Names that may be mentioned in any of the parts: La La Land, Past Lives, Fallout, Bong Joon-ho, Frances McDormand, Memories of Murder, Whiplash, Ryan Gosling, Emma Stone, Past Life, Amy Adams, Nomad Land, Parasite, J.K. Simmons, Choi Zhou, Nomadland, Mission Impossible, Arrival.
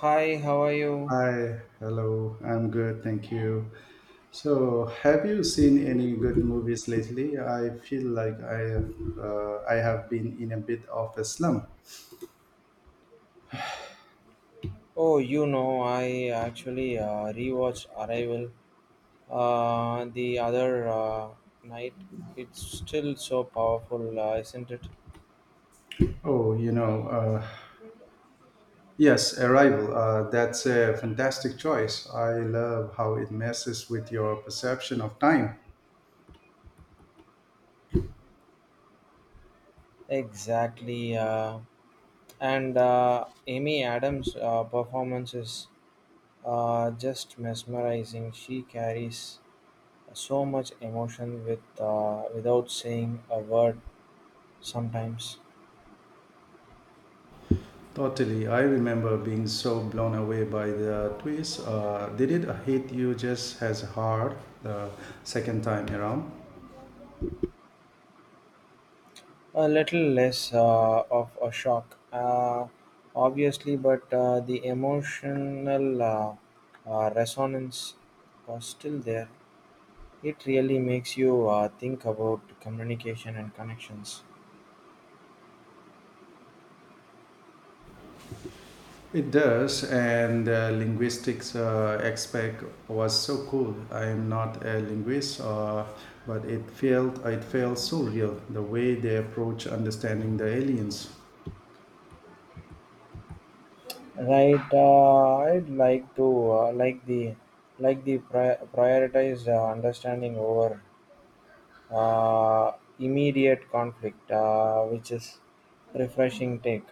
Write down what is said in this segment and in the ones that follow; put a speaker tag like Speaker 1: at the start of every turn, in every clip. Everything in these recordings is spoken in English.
Speaker 1: Hi, how are you?
Speaker 2: Hi, hello. I'm good, thank you. So, have you seen any good movies lately? I feel like I have been in a bit of a slump.
Speaker 1: Oh, you know, I actually rewatched Arrival the other night. It's still so powerful, isn't it?
Speaker 2: Oh, you know, yes, Arrival. That's a fantastic choice. I love how it messes with your perception of time.
Speaker 1: Exactly. And Amy Adams' performance is just mesmerizing. She carries so much emotion with, without saying a word sometimes.
Speaker 2: Totally. I remember being so blown away by the twist. Did it hit you just as hard the second time around?
Speaker 1: A little less of a shock, obviously, but the emotional resonance was still there. It really makes you think about communication and connections.
Speaker 2: It does, and linguistics aspect was so cool. I am not a linguist, but it felt so real the way they approach understanding the aliens.
Speaker 1: Right, I'd like to prioritized understanding over, uh, immediate conflict, which is refreshing take.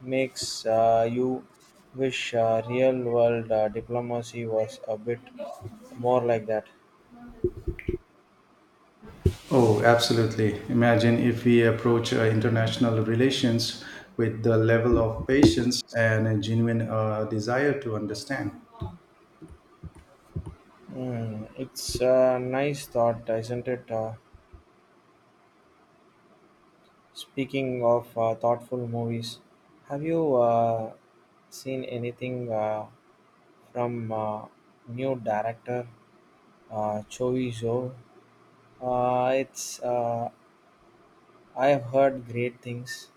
Speaker 1: Makes you wish real world diplomacy was a bit more like that.
Speaker 2: Oh, absolutely! Imagine if we approach international relations with the level of patience and a genuine desire to understand.
Speaker 1: Hmm, it's a nice thought, isn't it? Speaking of thoughtful movies, have you seen anything from new director Choi Zhou? It's I have heard great things.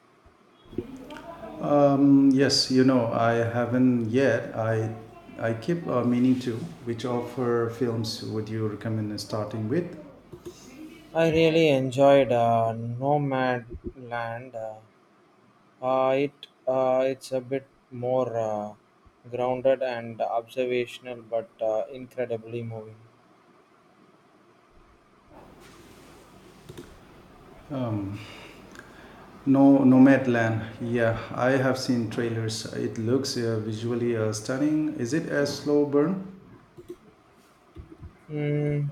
Speaker 2: Mm, yes, you know, I haven't yet. I keep meaning to. Which offer films would you recommend starting with?
Speaker 1: I really enjoyed Nomad Land. It's a bit more grounded and observational, but incredibly moving.
Speaker 2: No, Nomadland. Yeah, I have seen trailers. It looks visually stunning. Is it a slow burn?
Speaker 1: Mm,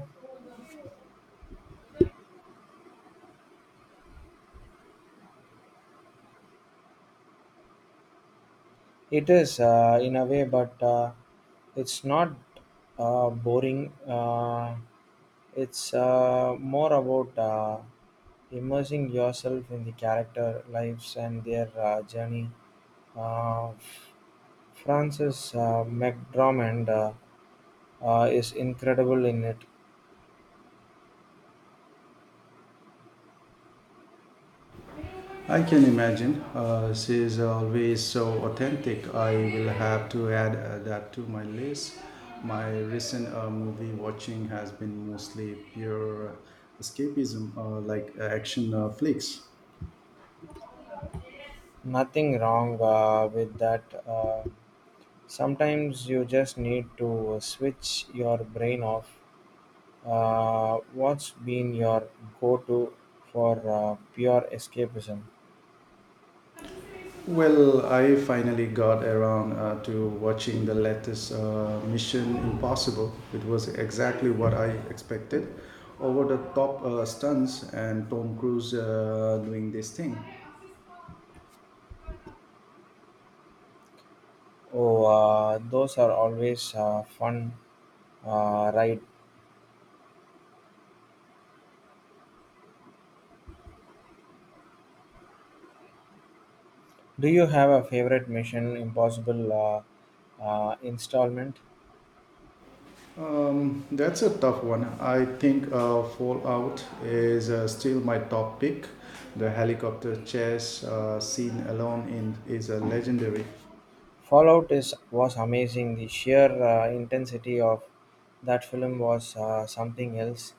Speaker 1: it is in a way, but it's not boring. It's more about immersing yourself in the character lives and their journey. Uh, Frances McDormand is incredible in it.
Speaker 2: I can imagine. She is always so authentic. I will have to add that to my list. My recent movie watching has been mostly pure escapism, like action flicks.
Speaker 1: Nothing wrong with that. Sometimes you just need to switch your brain off. What's been your go to for pure escapism?
Speaker 2: Well, I finally got around to watching the latest Mission Impossible. It was exactly what I expected. Over the top stunts and Tom Cruise doing this thing.
Speaker 1: Oh, those are always fun, right? Do you have a favorite Mission Impossible installment?
Speaker 2: That's a tough one. I think Fallout is still my top pick. The helicopter chase scene alone in is a legendary.
Speaker 1: Fallout is was amazing. The sheer intensity of that film was something else.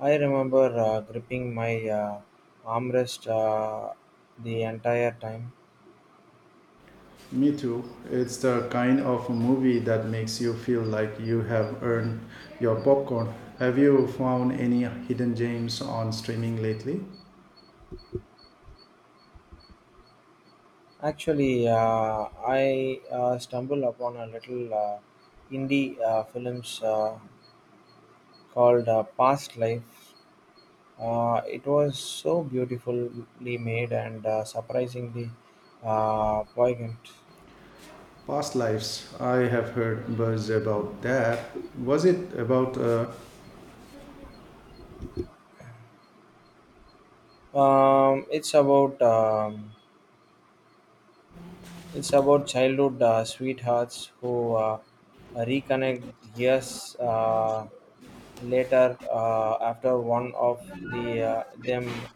Speaker 1: I remember gripping my armrest the entire time.
Speaker 2: Me too. It's the kind of movie that makes you feel like you have earned your popcorn. Have you found any hidden gems on streaming lately?
Speaker 1: Actually, I stumbled upon a little indie films called Past Life. It was so beautifully made and surprisingly poignant.
Speaker 2: Past Lives. I have heard buzz about that. Was it about?
Speaker 1: Um, it's about um, it's about childhood sweethearts who reconnect years later after one of them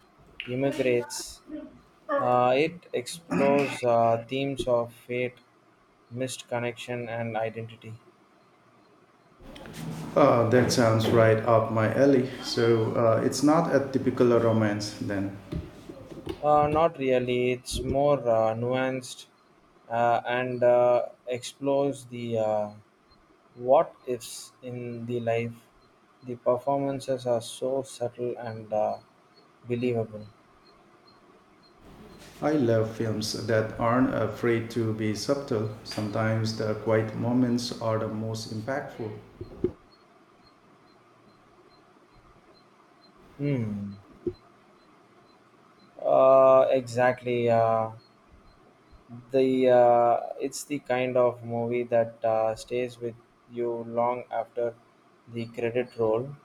Speaker 1: immigrates. It explores themes of fate, missed connection, and identity.
Speaker 2: That sounds right up my alley. So it's not a typical romance then.
Speaker 1: Not really. It's more nuanced and explores the what ifs in the life. The performances are so subtle and believable.
Speaker 2: I love films that aren't afraid to be subtle. Sometimes the quiet moments are the most impactful.
Speaker 1: Hmm. Exactly. The It's the kind of movie that stays with you long after the credit roll.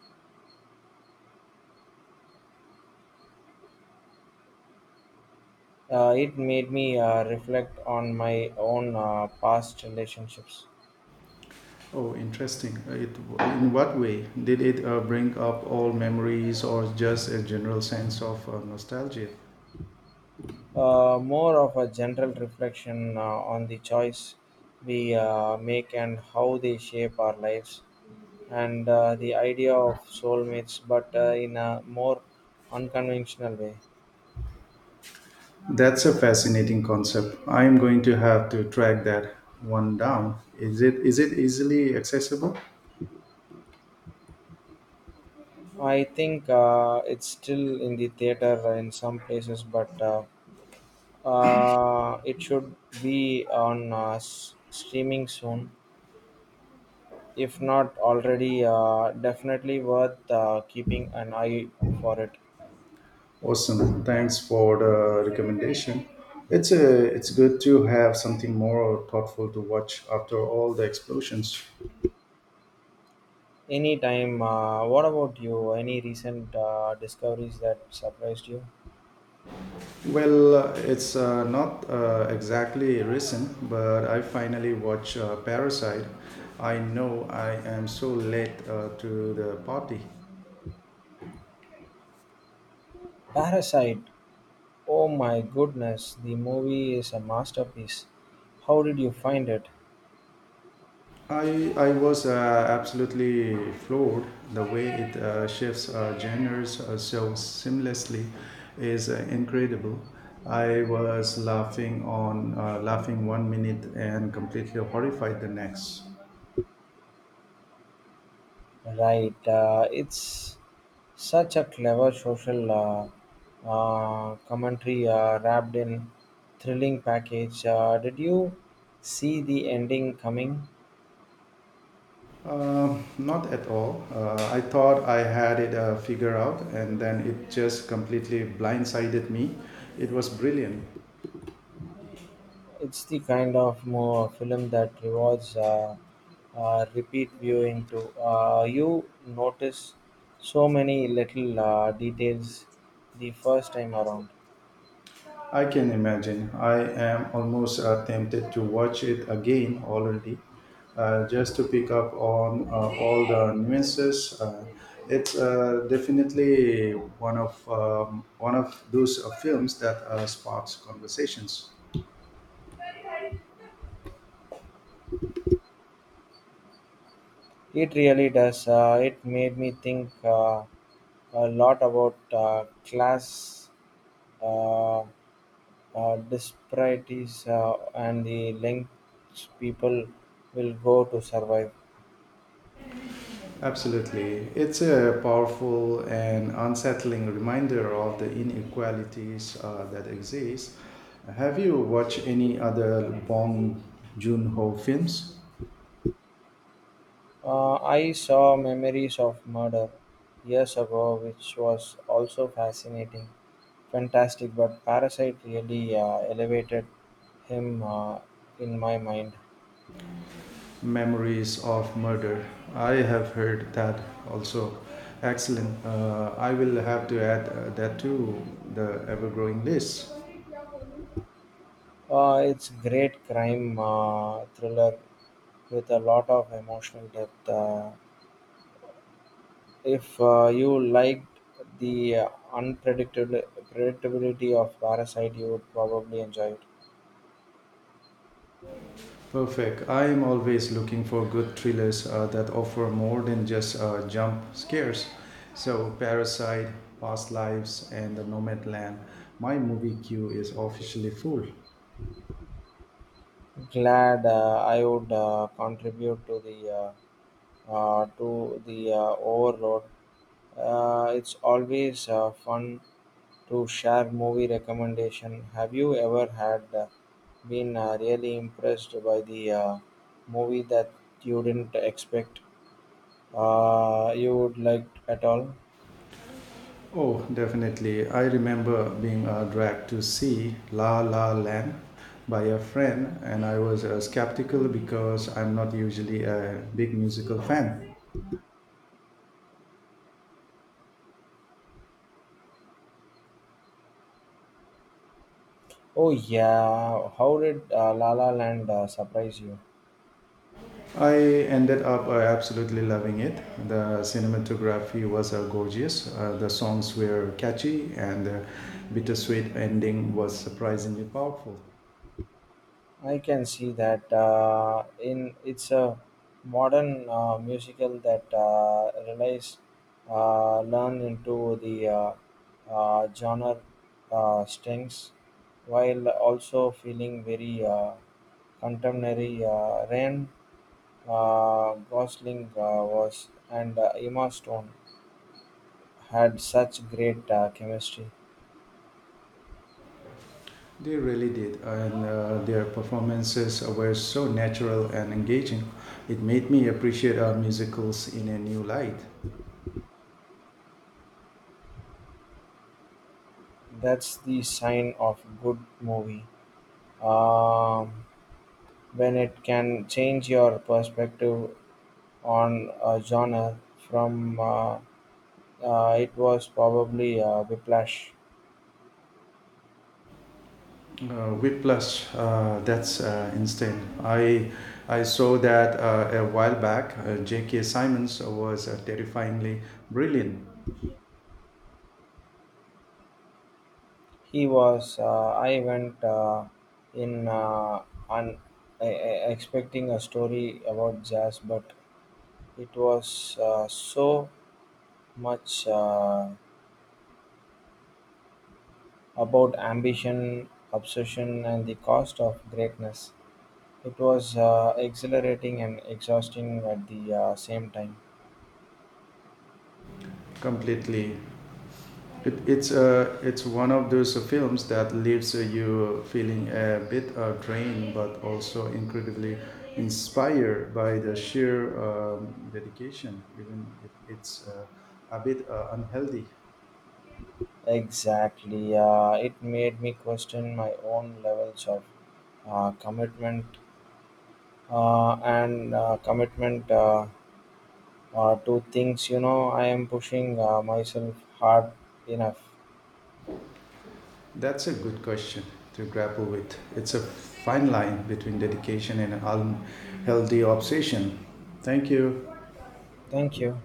Speaker 1: It made me reflect on my own past relationships.
Speaker 2: Oh, interesting. It, in what way? Did it bring up old memories or just a general sense of nostalgia?
Speaker 1: More of a general reflection on the choice we make and how they shape our lives and the idea of soulmates but in a more unconventional way.
Speaker 2: That's a fascinating concept. I am going to have to track that one down. Is it easily accessible?
Speaker 1: I think it's still in the theater in some places, but it should be on streaming soon. If not already, definitely worth keeping an eye for it.
Speaker 2: Awesome. Thanks for the recommendation. It's a, it's good to have something more thoughtful to watch after all the explosions.
Speaker 1: Anytime. What about you? Any recent discoveries that surprised you?
Speaker 2: Well, it's not exactly recent, but I finally watched Parasite. I know I am so late to the party.
Speaker 1: Parasite. Oh my goodness, the movie is a masterpiece. How did you find it?
Speaker 2: I was absolutely floored the way it shifts genres so seamlessly is incredible. I was laughing 1 minute and completely horrified the next.
Speaker 1: Right. It's such a clever social commentary wrapped in thrilling package. Did you see the ending coming?
Speaker 2: Not at all. I thought I had it figured out, and then it just completely blindsided me. It was brilliant.
Speaker 1: It's the kind of mo film that rewards repeat viewing too. You notice so many little details the first time around.
Speaker 2: I can imagine. I am almost tempted to watch it again already, just to pick up on all the nuances. It's definitely one of those films that sparks conversations.
Speaker 1: It really does. It made me think a lot about class uh, disparities and the lengths people will go to survive.
Speaker 2: Absolutely. It's a powerful and unsettling reminder of the inequalities that exist. Have you watched any other Bong Joon-ho films?
Speaker 1: I saw Memories of Murder years ago, which was also fascinating, fantastic. But Parasite really elevated him in my mind.
Speaker 2: Memories of Murder. I have heard that also. Excellent. I will have to add that to the ever-growing list.
Speaker 1: It's great crime thriller with a lot of emotional depth. If you liked the unpredictable predictability of Parasite, you would probably enjoy it.
Speaker 2: Perfect. I am always looking for good thrillers that offer more than just jump scares. So, Parasite, Past Lives, and The Nomadland. My movie queue is officially full.
Speaker 1: Glad I would contribute to the overload. It's always fun to share movie recommendation. Have you ever had been really impressed by the movie that you didn't expect? You would like at all?
Speaker 2: Oh, definitely. I remember being dragged to see La La Land by a friend, and I was skeptical because I'm not usually a big musical fan.
Speaker 1: Oh yeah, how did La La Land surprise you?
Speaker 2: I ended up absolutely loving it. The cinematography was gorgeous, the songs were catchy, and the bittersweet ending was surprisingly powerful.
Speaker 1: I can see that in it's a modern musical that relies learn into the genre strings while also feeling very contemporary. Ryan Gosling was, and Emma Stone had such great chemistry.
Speaker 2: They really did, and their performances were so natural and engaging. It made me appreciate musicals in a new light.
Speaker 1: That's the sign of good movie. Um, when it can change your perspective on a genre from it was probably whiplash.
Speaker 2: Whiplash, that's instant. I saw that a while back. J.K. Simmons was terrifyingly brilliant
Speaker 1: He was I went in un- e- e- expecting a story about jazz, but it was so much about ambition, obsession, and the cost of greatness. It was exhilarating and exhausting at the same time.
Speaker 2: completely. It's it's one of those films that leaves you feeling a bit drained, but also incredibly inspired by the sheer dedication, even if it's a bit unhealthy.
Speaker 1: Exactly. It made me question my own levels of uh, commitment commitment to things. You know, I am pushing myself hard enough.
Speaker 2: That's a good question to grapple with. It's a fine line between dedication and unhealthy obsession. Thank you.
Speaker 1: Thank you.